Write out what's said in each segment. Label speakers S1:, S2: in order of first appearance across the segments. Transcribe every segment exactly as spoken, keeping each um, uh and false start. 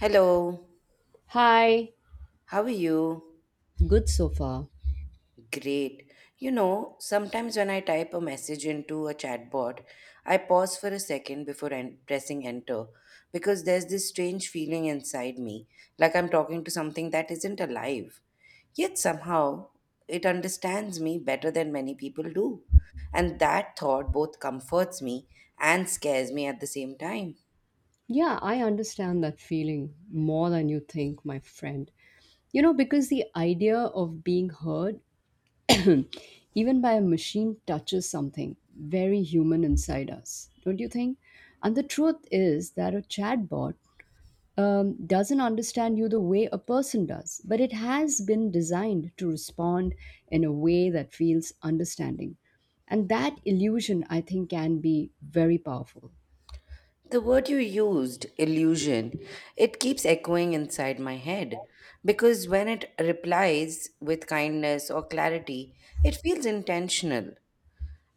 S1: Hello,
S2: Hi,
S1: how are you?
S2: good so far.
S1: Great. You know, sometimes when I type a message into a chatbot, I pause for a second before en- pressing enter because there's this strange feeling inside me, like I'm talking to something that isn't alive. Yet somehow it understands me better than many people do. And that thought both comforts me and scares me at the same time.
S2: Yeah, I understand that feeling more than you think, my friend. You know, because the idea of being heard, even by a machine, touches something very human inside us, don't you think? And the truth is that a chatbot um, doesn't understand you the way a person does, but it has been designed to respond in a way that feels understanding. And that illusion, I think, can be very powerful.
S1: The word you used, illusion, it keeps echoing inside my head because when it replies with kindness or clarity, it feels intentional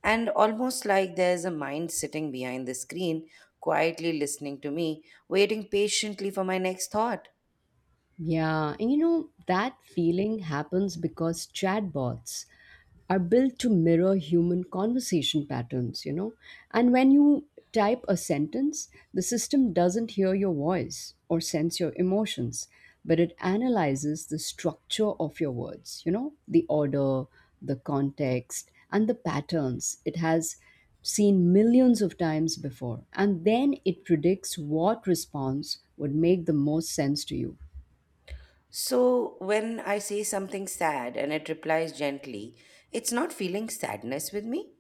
S1: and almost like there's a mind sitting behind the screen, quietly listening to me, waiting patiently for my next thought.
S2: Yeah, and you know, that feeling happens because chatbots are built to mirror human conversation patterns. You know. And when you type a sentence, the system doesn't hear your voice or sense your emotions, but it analyzes the structure of your words, you know, the order, the context, and the patterns it has seen millions of times before. And then it predicts what response would make the most sense to you.
S1: So, when I say something sad and it replies gently, it's not feeling sadness with me,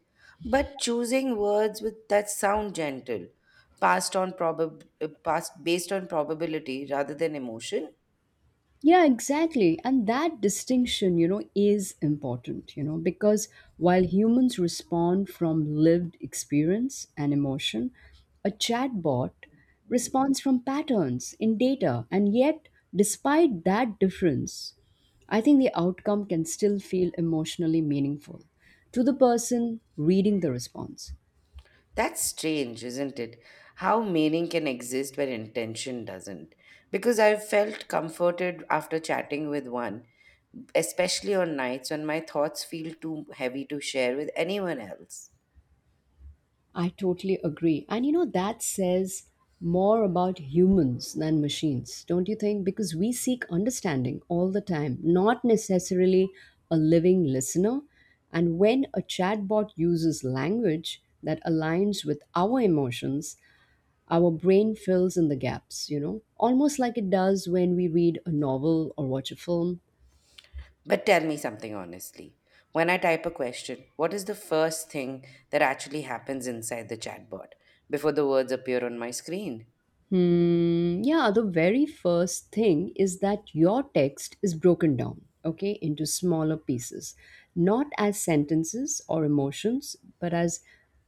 S1: but choosing words with that sound gentle, passed on probab- uh, passed based on probability rather than emotion.
S2: Yeah, exactly. And that distinction, you know, is important, you know, because while humans respond from lived experience and emotion, a chatbot responds from patterns in data. And yet, despite that difference, I think the outcome can still feel emotionally meaningful to the person reading the response.
S1: That's strange, isn't it? How meaning can exist when intention doesn't. Because I've felt comforted after chatting with one, especially on nights when my thoughts feel too heavy to share with anyone else.
S2: I totally agree. And you know, that says more about humans than machines, don't you think? Because we seek understanding all the time, not necessarily a living listener. And when a chatbot uses language that aligns with our emotions, our brain fills in the gaps, you know, almost like it does when we read a novel or watch a film.
S1: But tell me something honestly. When I type a question, what is the first thing that actually happens inside the chatbot before the words appear on my screen?
S2: Hmm. Yeah, the very first thing is that your text is broken down, okay, into smaller pieces, not as sentences or emotions, but as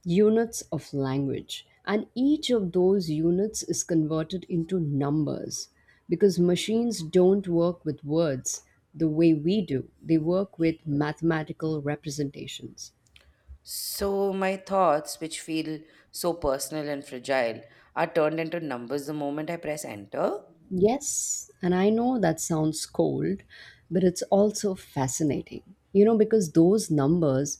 S2: units of language. And each of those units is converted into numbers because machines don't work with words the way we do, they work with mathematical representations.
S1: So, my thoughts, which feel so personal and fragile, are turned into numbers the moment I press enter.
S2: Yes, and I know that sounds cold, but it's also fascinating. You know, because those numbers,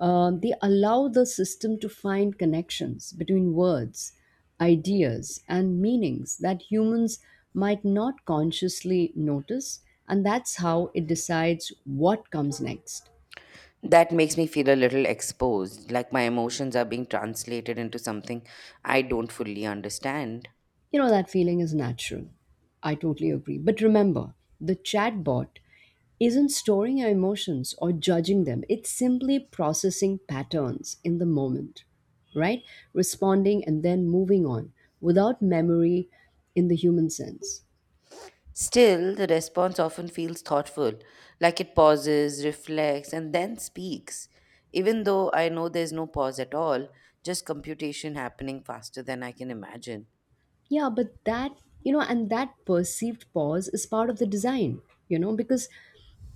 S2: uh, they allow the system to find connections between words, ideas, and meanings that humans might not consciously notice, and that's how it decides what comes next.
S1: That makes me feel a little exposed, like my emotions are being translated into something I don't fully understand.
S2: You know, that feeling is natural. I totally agree. But remember, the chatbot isn't storing your emotions or judging them, it's simply processing patterns in the moment, right? Responding and then moving on without memory in the human sense.
S1: Still, the response often feels thoughtful, like it pauses, reflects, and then speaks. Even though I know there's no pause at all, just computation happening faster than I can imagine.
S2: Yeah, but that, you know, and that perceived pause is part of the design, you know, because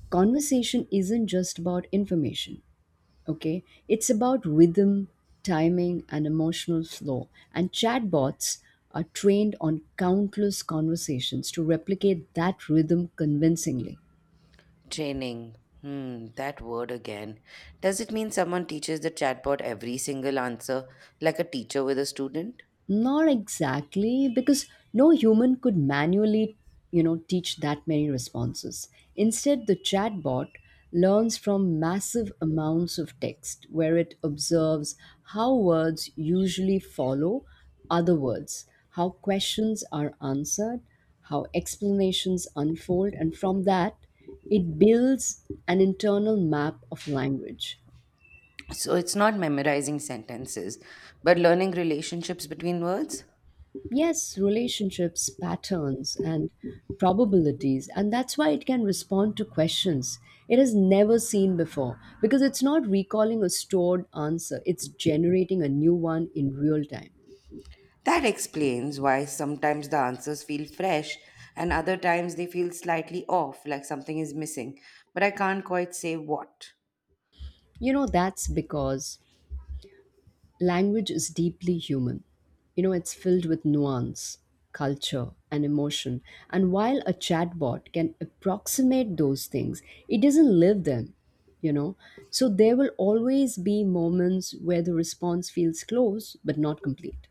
S2: conversation isn't just about information, okay, it's about rhythm, timing, and emotional flow. And chatbots are trained on countless conversations to replicate that rhythm convincingly.
S1: Training. Hmm, that word again. Does it mean someone teaches the chatbot every single answer, like a teacher with a student?
S2: Not exactly, because no human could manually, you know, teach that many responses. Instead, the chatbot learns from massive amounts of text where it observes how words usually follow other words, how questions are answered, how explanations unfold, and from that, it builds an internal map of language.
S1: So it's not memorizing sentences, but learning relationships between words?
S2: Yes, relationships, patterns, and probabilities. And that's why it can respond to questions it has never seen before, because it's not recalling a stored answer, it's generating a new one in real time.
S1: That explains why sometimes the answers feel fresh and other times they feel slightly off, like something is missing, but I can't quite say what.
S2: You know, that's because language is deeply human. You know, it's filled with nuance, culture, and emotion. And while a chatbot can approximate those things, it doesn't live them, you know. So there will always be moments where the response feels close but not complete.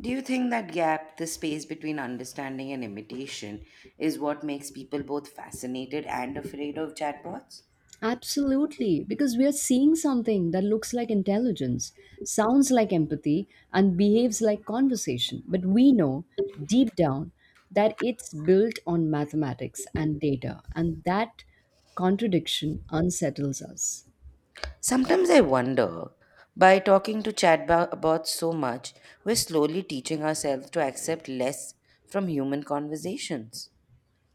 S1: Do you think that gap, the space between understanding and imitation, is what makes people both fascinated and afraid of chatbots?
S2: Absolutely, because we are seeing something that looks like intelligence, sounds like empathy, and behaves like conversation. But we know deep down that it's built on mathematics and data, and that contradiction unsettles us.
S1: Sometimes I wonder by talking to chatbots so much, we're slowly teaching ourselves to accept less from human conversations.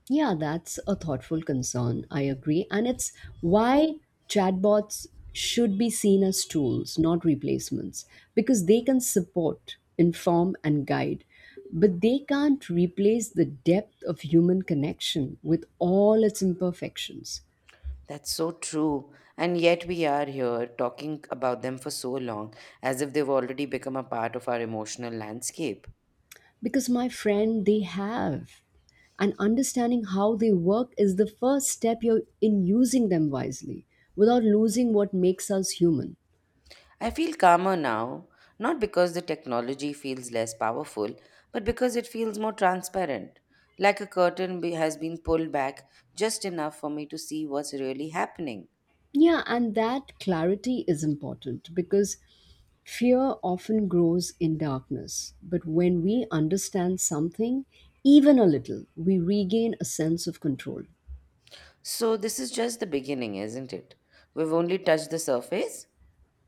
S2: Yeah, that's a thoughtful concern. I agree. And it's why chatbots should be seen as tools, not replacements, because they can support, inform, and guide. But they can't replace the depth of human connection with all its imperfections.
S1: That's so true. And yet we are here talking about them for so long, as if they've already become a part of our emotional landscape.
S2: Because, my friend, they have. And understanding how they work is the first step you're in using them wisely without losing what makes us human.
S1: I feel calmer now, not because the technology feels less powerful, but because it feels more transparent. Like a curtain be- has been pulled back just enough for me to see what's really happening.
S2: Yeah, and that clarity is important because fear often grows in darkness. But when we understand something, even a little, we regain a sense of control.
S1: So, this is just the beginning, isn't it? We've only touched the surface?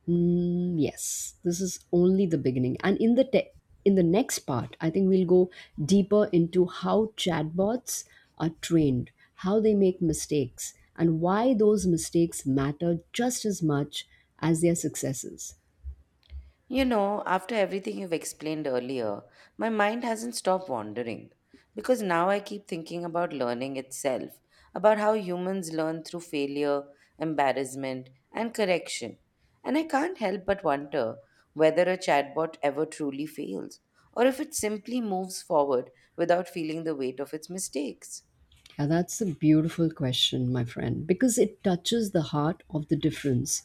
S2: Mm, yes, this is only the beginning. And in the te- in the next part, I think we'll go deeper into how chatbots are trained, how they make mistakes, and why those mistakes matter just as much as their successes.
S1: You know, after everything you've explained earlier, my mind hasn't stopped wandering because now I keep thinking about learning itself, about how humans learn through failure, embarrassment, and correction. And I can't help but wonder whether a chatbot ever truly fails or if it simply moves forward without feeling the weight of its mistakes.
S2: Yeah, that's a beautiful question, my friend, because it touches the heart of the difference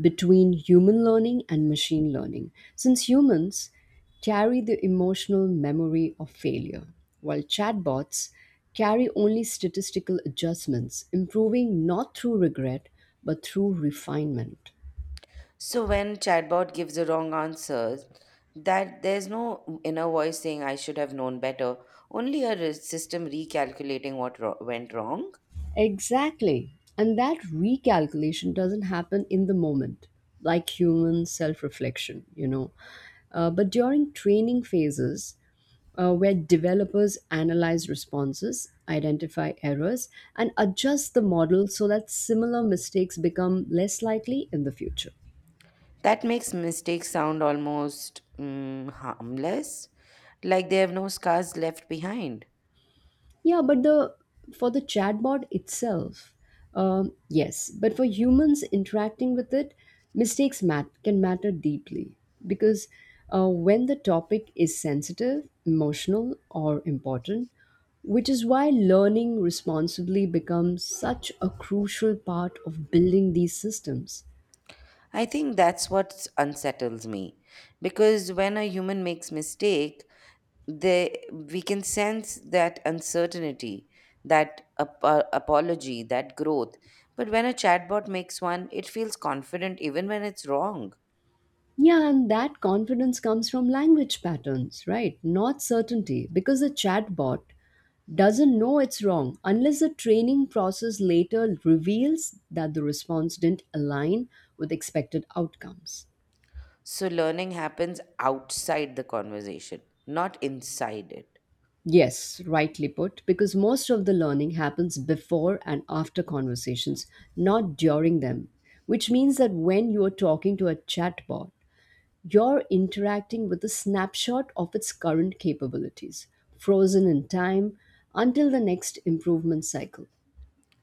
S2: between human learning and machine learning. Since humans carry the emotional memory of failure, while chatbots carry only statistical adjustments, improving not through regret but through refinement.
S1: So when chatbot gives the wrong answers, that there's no inner voice saying I should have known better, only a re- system recalculating what ro- went wrong.
S2: Exactly. And that recalculation doesn't happen in the moment, like human self reflection, you know. Uh, but during training phases, uh, where developers analyze responses, identify errors, and adjust the model so that similar mistakes become less likely in the future.
S1: That makes mistakes sound almost mm, harmless, like they have no scars left behind.
S2: Yeah, but the for the chatbot itself, um, yes. But for humans interacting with it, mistakes mat- can matter deeply because uh, when the topic is sensitive, emotional, or important, which is why learning responsibly becomes such a crucial part of building these systems.
S1: I think that's what unsettles me, because when a human makes mistakes, they we can sense that uncertainty, that ap- uh, apology, that growth. But when a chatbot makes one, it feels confident even when it's wrong.
S2: Yeah, and that confidence comes from language patterns, right? Not certainty, because a chatbot doesn't know it's wrong unless the training process later reveals that the response didn't align with expected outcomes.
S1: So learning happens outside the conversation, not inside it.
S2: Yes, rightly put, because most of the learning happens before and after conversations, not during them, which means that when you are talking to a chatbot, you're interacting with a snapshot of its current capabilities, frozen in time until the next improvement cycle.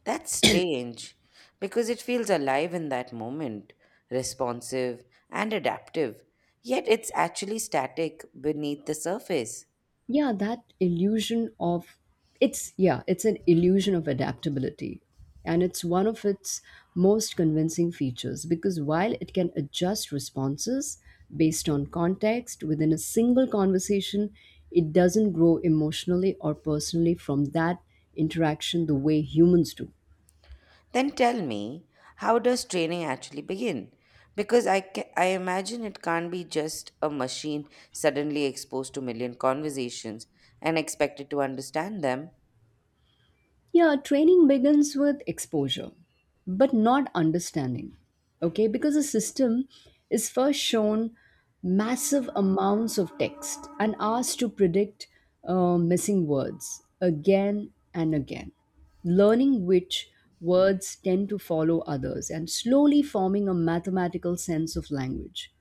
S1: That's strange because it feels alive in that moment, responsive and adaptive, yet it's actually static beneath the surface.
S2: Yeah, that illusion of it's yeah, it's an illusion of adaptability. And it's one of its most convincing features because while it can adjust responses based on context within a single conversation, it doesn't grow emotionally or personally from that interaction the way humans do.
S1: Then tell me, how does training actually begin? Because I, ca- I imagine it can't be just a machine suddenly exposed to million conversations and expected to understand them.
S2: Yeah, training begins with exposure, but not understanding. Okay, because a system is first shown massive amounts of text and asked to predict uh, missing words again and again, learning which words tend to follow others and slowly forming a mathematical sense of language.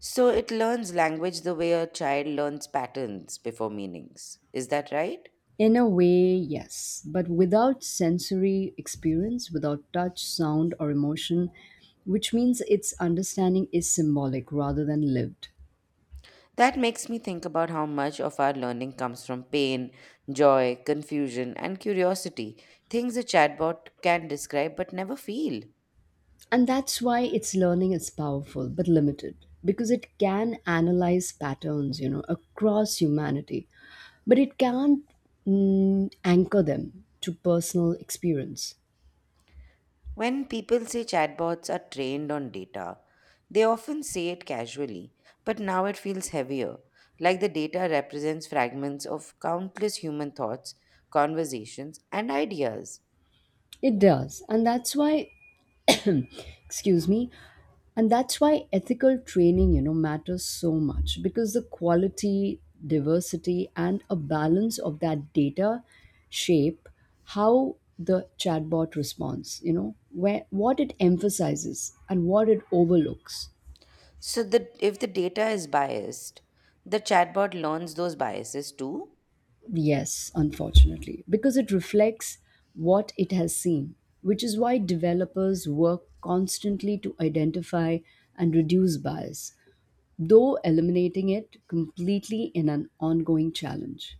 S1: So it learns language the way a child learns patterns before meanings. Is that right?
S2: In a way, yes, but without sensory experience, without touch, sound, or emotion, which means its understanding is symbolic rather than lived.
S1: That makes me think about how much of our learning comes from pain, joy, confusion, and curiosity, things a chatbot can describe but never feel.
S2: And that's why its learning is powerful but limited, because it can analyze patterns, you know, across humanity, but it can't mm, anchor them to personal experience.
S1: When people say chatbots are trained on data, they often say it casually, but now it feels heavier, like the data represents fragments of countless human thoughts, conversations, and ideas.
S2: It does, and that's why, excuse me, and that's why ethical training, you know, matters so much, because the quality, diversity, and a balance of that data shape how the chatbot responds, you know, where what it emphasizes and what it overlooks.
S1: So that if the data is biased, the chatbot learns those biases too.
S2: Yes, unfortunately, because it reflects what it has seen, which is why developers work constantly to identify and reduce bias, though eliminating it completely in an ongoing challenge.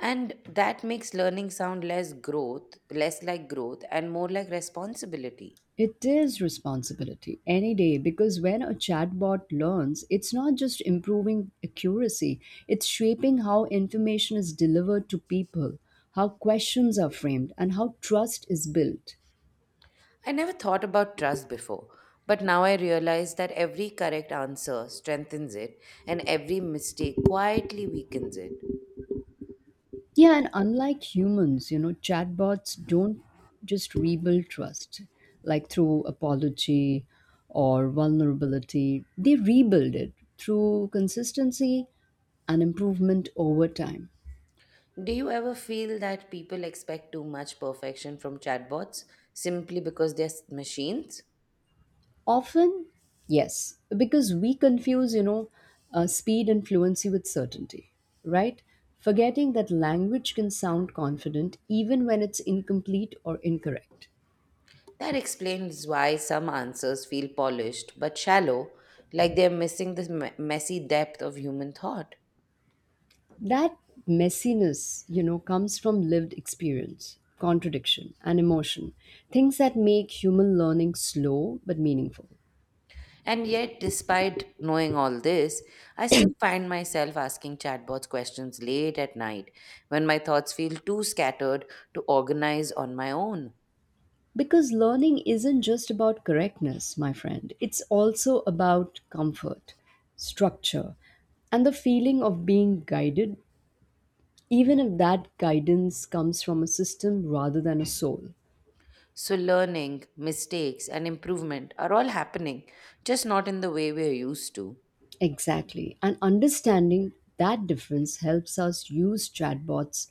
S1: And that makes learning sound less growth, less like growth, and more like responsibility.
S2: It is responsibility any day because when a chatbot learns, it's not just improving accuracy, it's shaping how information is delivered to people, how questions are framed, and how trust is built.
S1: I never thought about trust before, but now I realize that every correct answer strengthens it and every mistake quietly weakens it.
S2: Yeah, and unlike humans, you know, chatbots don't just rebuild trust like through apology or vulnerability. They rebuild it through consistency and improvement over time.
S1: Do you ever feel that people expect too much perfection from chatbots simply because they're s- machines?
S2: Often, yes, because we confuse, you know, uh, speed and fluency with certainty, right? Forgetting that language can sound confident even when it's incomplete or incorrect.
S1: That explains why some answers feel polished but shallow, like they're missing the me- messy depth of human thought.
S2: That messiness, you know, comes from lived experience, contradiction, and emotion. Things that make human learning slow but meaningful.
S1: And yet, despite knowing all this, I still find myself asking chatbots questions late at night when my thoughts feel too scattered to organize on my own.
S2: Because learning isn't just about correctness, my friend, it's also about comfort, structure, and the feeling of being guided, even if that guidance comes from a system rather than a soul.
S1: So, learning, mistakes, and improvement are all happening, just not in the way we're used to.
S2: Exactly. And understanding that difference helps us use chatbots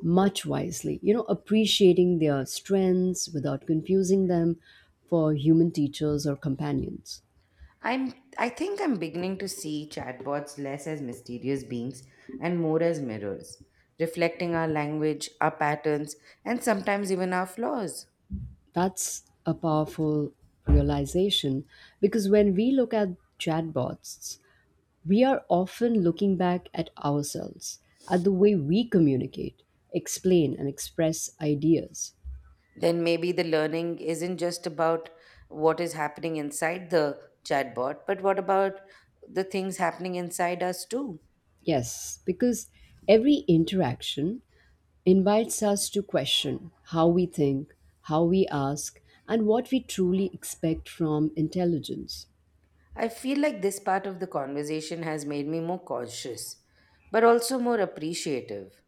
S2: much wisely, you know, appreciating their strengths without confusing them for human teachers or companions.
S1: I'm, I think I'm beginning to see chatbots less as mysterious beings and more as mirrors, reflecting our language, our patterns, and sometimes even our flaws.
S2: That's a powerful realization because when we look at chatbots, we are often looking back at ourselves, at the way we communicate, explain, and express ideas.
S1: Then maybe the learning isn't just about what is happening inside the chatbot, but what about the things happening inside us too?
S2: Yes, because every interaction invites us to question how we think, how we ask, and what we truly expect from intelligence.
S1: I feel like this part of the conversation has made me more cautious, but also more appreciative.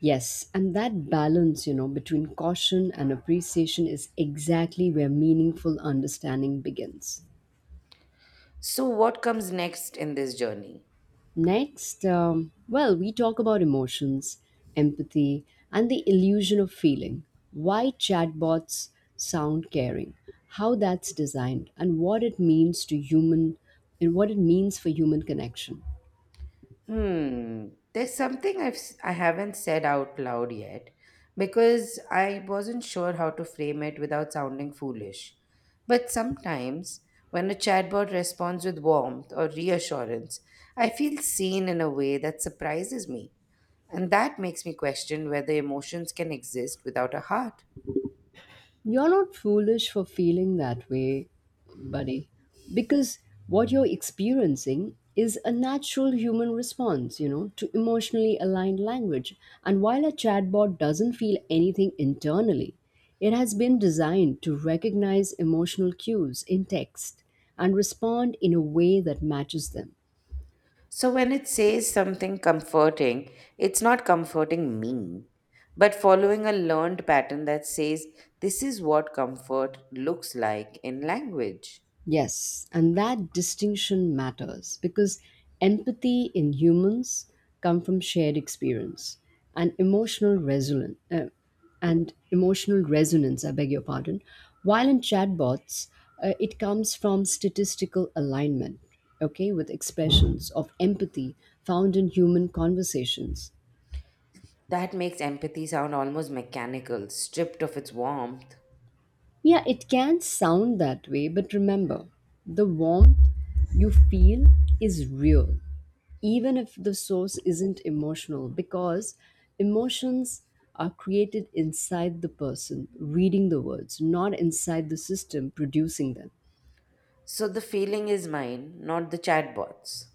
S2: Yes, and that balance, you know, between caution and appreciation is exactly where meaningful understanding begins.
S1: So, what comes next in this journey?
S2: Next, um, well, we talk about emotions, empathy, and the illusion of feeling. Why chatbots sound caring, how that's designed, and what it means to human, and what it means for human connection.
S1: Hmm. There's something I've s- I haven't said out loud yet because I wasn't sure how to frame it without sounding foolish. But sometimes when a chatbot responds with warmth or reassurance, I feel seen in a way that surprises me. And that makes me question whether emotions can exist without a heart.
S2: You're not foolish for feeling that way, buddy, because what you're experiencing is a natural human response, you know, to emotionally aligned language. And while a chatbot doesn't feel anything internally, it has been designed to recognize emotional cues in text and respond in a way that matches them.
S1: So when it says something comforting, it's not comforting me, but following a learned pattern that says this is what comfort looks like in language.
S2: Yes, and that distinction matters because empathy in humans come from shared experience and emotional resonance uh, and emotional resonance, I beg your pardon, while in chatbots uh, it comes from statistical alignment, okay, with expressions of empathy found in human conversations.
S1: That makes empathy sound almost mechanical, stripped of its warmth.
S2: Yeah, it can sound that way, but remember, the warmth you feel is real, even if the source isn't emotional, because emotions are created inside the person reading the words, not inside the system producing them.
S1: So the feeling is mine, not the chatbot's.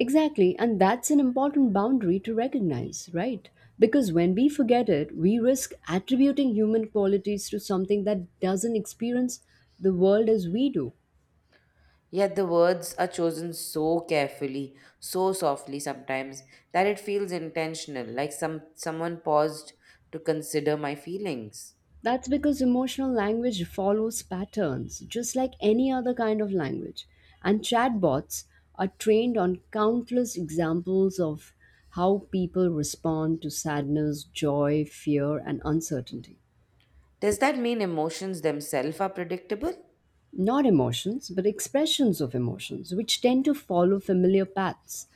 S2: Exactly, and that's an important boundary to recognize, right? Because when we forget it, we risk attributing human qualities to something that doesn't experience the world as we do.
S1: Yet the words are chosen so carefully, so softly sometimes, that it feels intentional, like some someone paused to consider my feelings.
S2: That's because emotional language follows patterns, just like any other kind of language. And chatbots are trained on countless examples of how people respond to sadness, joy, fear, and uncertainty.
S1: Does that mean emotions themselves are predictable?
S2: Not emotions, but expressions of emotions, which tend to follow familiar paths.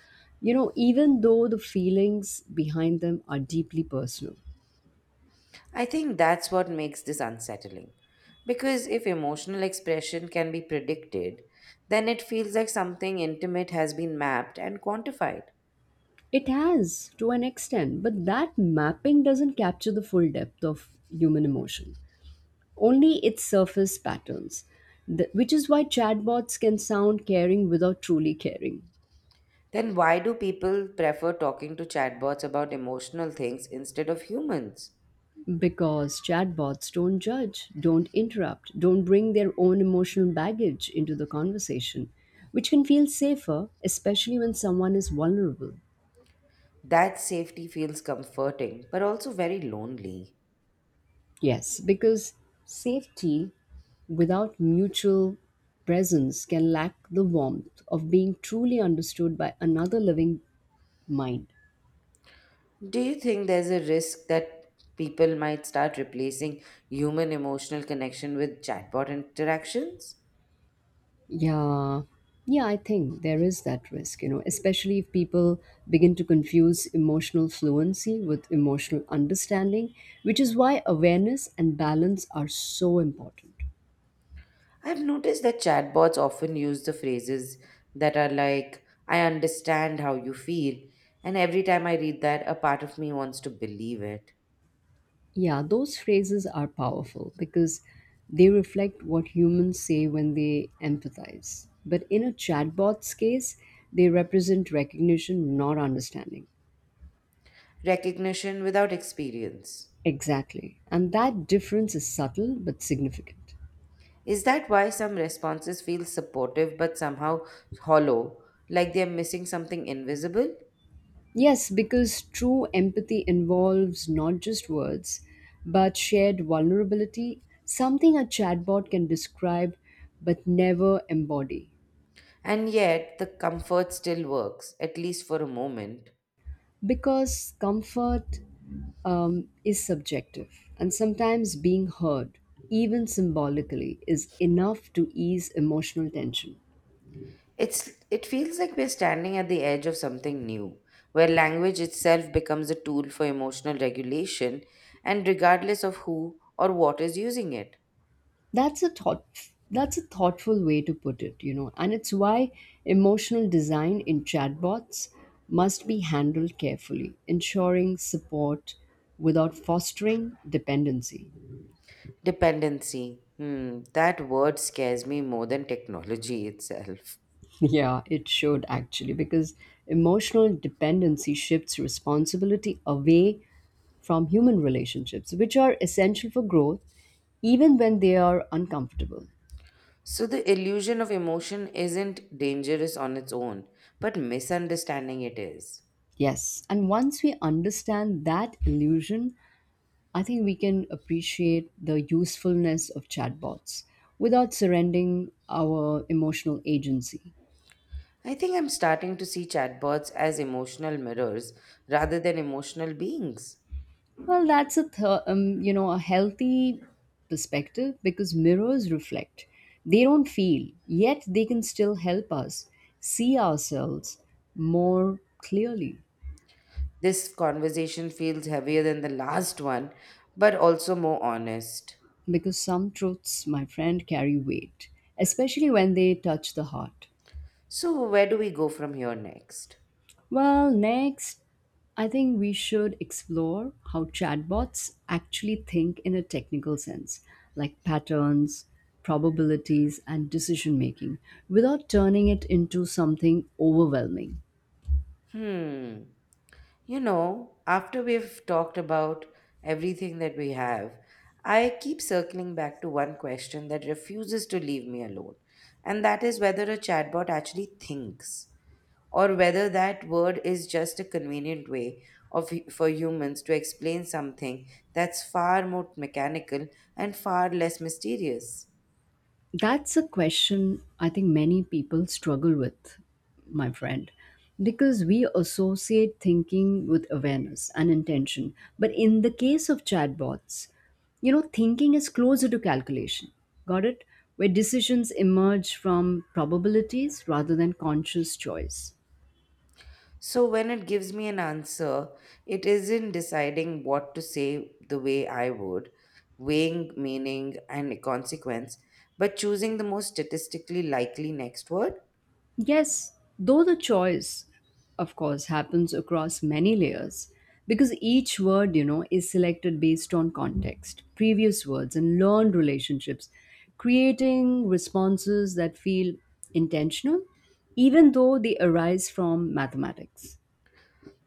S2: You know, even though the feelings behind them are deeply personal.
S1: I think that's what makes this unsettling. Because if emotional expression can be predicted, then it feels like something intimate has been mapped and quantified.
S2: It has to an extent, but that mapping doesn't capture the full depth of human emotion, only its surface patterns, Th- which is why chatbots can sound caring without truly caring.
S1: Then why do people prefer talking to chatbots about emotional things instead of humans?
S2: Because chatbots don't judge, don't interrupt, don't bring their own emotional baggage into the conversation, which can feel safer, especially when someone is vulnerable.
S1: That safety feels comforting, but also very lonely.
S2: Yes, because safety without mutual presence can lack the warmth of being truly understood by another living mind.
S1: Do you think there's a risk that people might start replacing human emotional connection with chatbot interactions?
S2: Yeah. Yeah, I think there is that risk, you know, especially if people begin to confuse emotional fluency with emotional understanding, which is why awareness and balance are so important.
S1: I've noticed that chatbots often use the phrases that are like, I understand how you feel, and every time I read that, a part of me wants to believe it.
S2: Yeah, those phrases are powerful because they reflect what humans say when they empathize. But in a chatbot's case, they represent recognition, not understanding.
S1: Recognition without experience.
S2: Exactly. And that difference is subtle but significant.
S1: Is that why some responses feel supportive but somehow hollow, like they're missing something invisible?
S2: Yes, because true empathy involves not just words, but shared vulnerability, something a chatbot can describe but never embody.
S1: And yet, the comfort still works, at least for a moment.
S2: Because comfort um, is subjective, and sometimes being heard, even symbolically, is enough to ease emotional tension.
S1: It's, it feels like we're standing at the edge of something new, where language itself becomes a tool for emotional regulation, and regardless of who or what is using it.
S2: That's a thought that's a thoughtful way to put it, you know, and it's why emotional design in chatbots must be handled carefully, ensuring support without fostering dependency.
S1: Dependency. Hmm, that word scares me more than technology itself.
S2: Yeah, it should actually, because emotional dependency shifts responsibility away from human relationships, which are essential for growth, even when they are uncomfortable.
S1: So, the illusion of emotion isn't dangerous on its own, but misunderstanding it is.
S2: Yes, and once we understand that illusion, I think we can appreciate the usefulness of chatbots without surrendering our emotional agency.
S1: I think I'm starting to see chatbots as emotional mirrors rather than emotional beings.
S2: Well, that's a th- um, you know, a healthy perspective because mirrors reflect. They don't feel, yet they can still help us see ourselves more clearly
S1: This conversation feels heavier than the last one, but also more honest.
S2: because some truths, my friend, carry weight, especially when they touch the heart.
S1: So, where do we go from here next?
S2: Well, next, I think we should explore how chatbots actually think in a technical sense, like patterns, probabilities, and decision making, without turning it into something overwhelming.
S1: Hmm. You know, after we've talked about everything that we have, I keep circling back to one question that refuses to leave me alone, and that is whether a chatbot actually thinks, or whether that word is just a convenient way of for humans to explain something that's far more mechanical and far less mysterious.
S2: That's a question I think many people struggle with, my friend, because we associate thinking with awareness and intention. But in the case of chatbots, you know, thinking is closer to calculation. Got it? Where decisions emerge from probabilities rather than conscious choice.
S1: So when it gives me an answer, it isn't deciding what to say the way I would, weighing meaning and consequence, but choosing the most statistically likely next word.
S2: Yes, though the choice, of course, happens across many layers because each word, you know, is selected based on context, previous words, and learned relationships, creating responses that feel intentional, even though they arise from mathematics.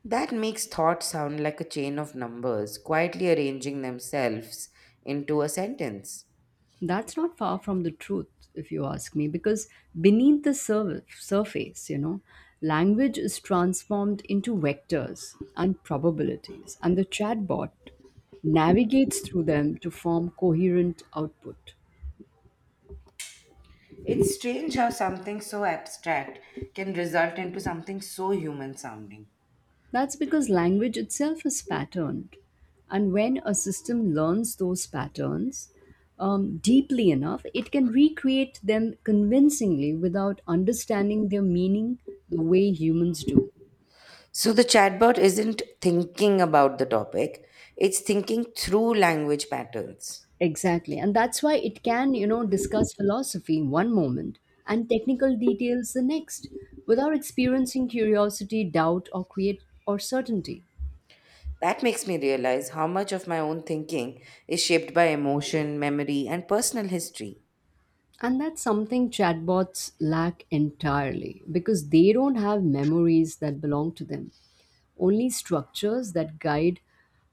S1: That makes thought sound like a chain of numbers quietly arranging themselves into a sentence.
S2: That's not far from the truth, if you ask me, because beneath the sur- surface, you know, language is transformed into vectors and probabilities, and the chatbot navigates through them to form coherent output.
S1: It's strange how something so abstract can result into something so human sounding.
S2: That's because language itself is patterned. And when a system learns those patterns um, deeply enough, it can recreate them convincingly without understanding their meaning the way humans do.
S1: So the chatbot isn't thinking about the topic, it's thinking through language patterns.
S2: Exactly. And that's why it can, you know, discuss philosophy one moment and technical details the next without experiencing curiosity, doubt, or create or certainty.
S1: That makes me realize how much of my own thinking is shaped by emotion, memory, and personal history.
S2: And that's something chatbots lack entirely because they don't have memories that belong to them, only structures that guide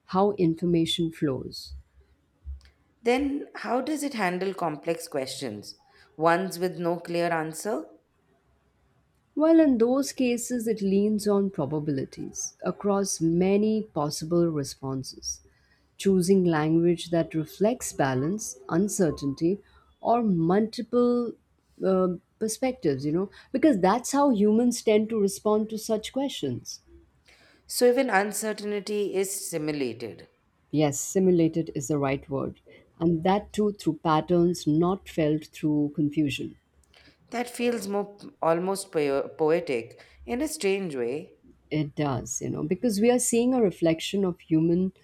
S2: how information flows.
S1: Then, how does it handle complex questions, ones with no clear answer?
S2: Well, in those cases, it leans on probabilities across many possible responses, choosing language that reflects balance, uncertainty, or multiple uh, perspectives, you know, because that's how humans tend to respond to such questions.
S1: So, even uncertainty is simulated.
S2: Yes, simulated is the right word. And that too through patterns not felt through confusion.
S1: That feels more almost po- poetic in a strange way.
S2: It does, you know, because we are seeing a reflection of human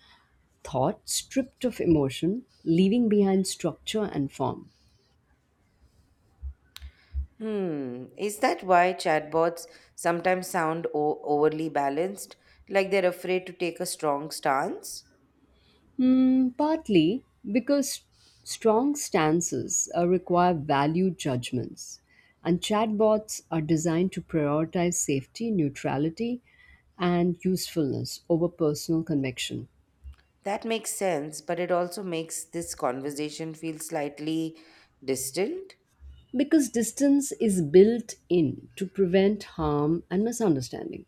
S2: thought stripped of emotion, leaving behind structure and form.
S1: Hmm, is that why chatbots sometimes sound o- overly balanced, like they're afraid to take a strong stance?
S2: Mm, partly because strong stances uh, require value judgments, and chatbots are designed to prioritize safety, neutrality, and usefulness over personal conviction.
S1: That makes sense, but it also makes this conversation feel slightly distant.
S2: Because distance is built in to prevent harm and misunderstanding.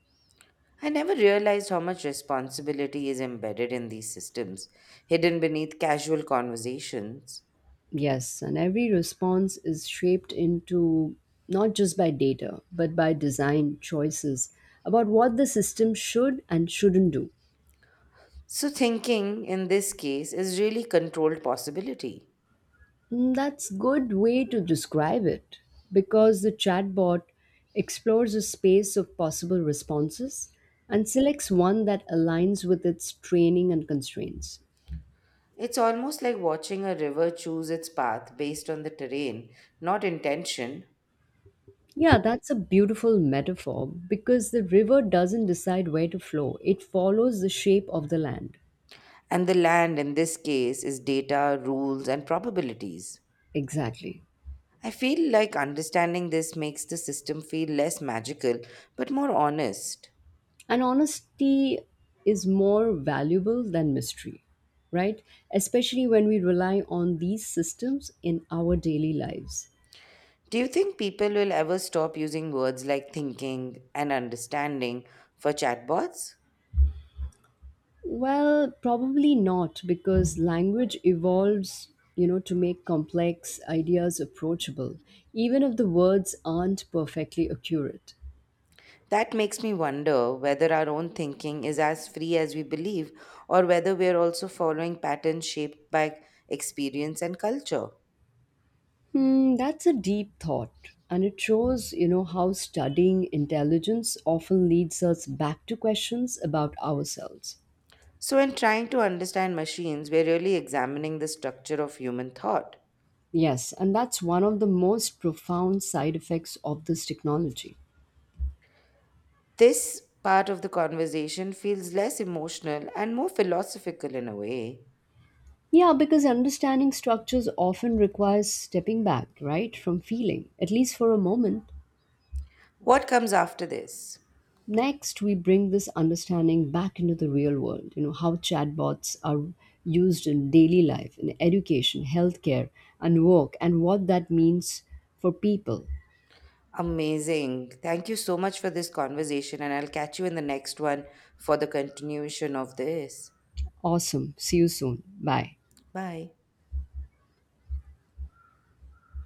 S1: I never realized how much responsibility is embedded in these systems, hidden beneath casual conversations.
S2: Yes, and every response is shaped into not just by data, but by design choices about what the system should and shouldn't do.
S1: So, thinking in this case is really controlled possibility.
S2: Mm, that's good way to describe it because the chatbot explores a space of possible responses and selects one that aligns with its training and constraints.
S1: It's almost like watching a river choose its path based on the terrain, not intention,
S2: Yeah, that's a beautiful metaphor because the river doesn't decide where to flow. It follows the shape of the land.
S1: and the land in this case is data, rules, and probabilities.
S2: Exactly.
S1: I feel like understanding this makes the system feel less magical but more honest.
S2: And honesty is more valuable than mystery, right? Especially when we rely on these systems in our daily lives.
S1: Do you think people will ever stop using words like thinking and understanding for chatbots?
S2: Well, probably not because language evolves, you know, to make complex ideas approachable, even if the words aren't perfectly accurate.
S1: That makes me wonder whether our own thinking is as free as we believe, or whether we are also following patterns shaped by experience and culture.
S2: Hmm, that's a deep thought, and it shows, you know, how studying intelligence often leads us back to questions about ourselves.
S1: So, in trying to understand machines, we're really examining the structure of human thought.
S2: Yes, and that's one of the most profound side effects of this technology.
S1: This part of the conversation feels less emotional and more philosophical in a way.
S2: Yeah, because understanding structures often requires stepping back, right, from feeling, at least for a moment.
S1: What comes after this?
S2: Next, we bring this understanding back into the real world, you know, how chatbots are used in daily life, in education, healthcare, and work, and what that means for people.
S1: Amazing. Thank you so much for this conversation, and I'll catch you in the next one for the continuation of this.
S2: Awesome. See you soon. Bye.
S1: Bye.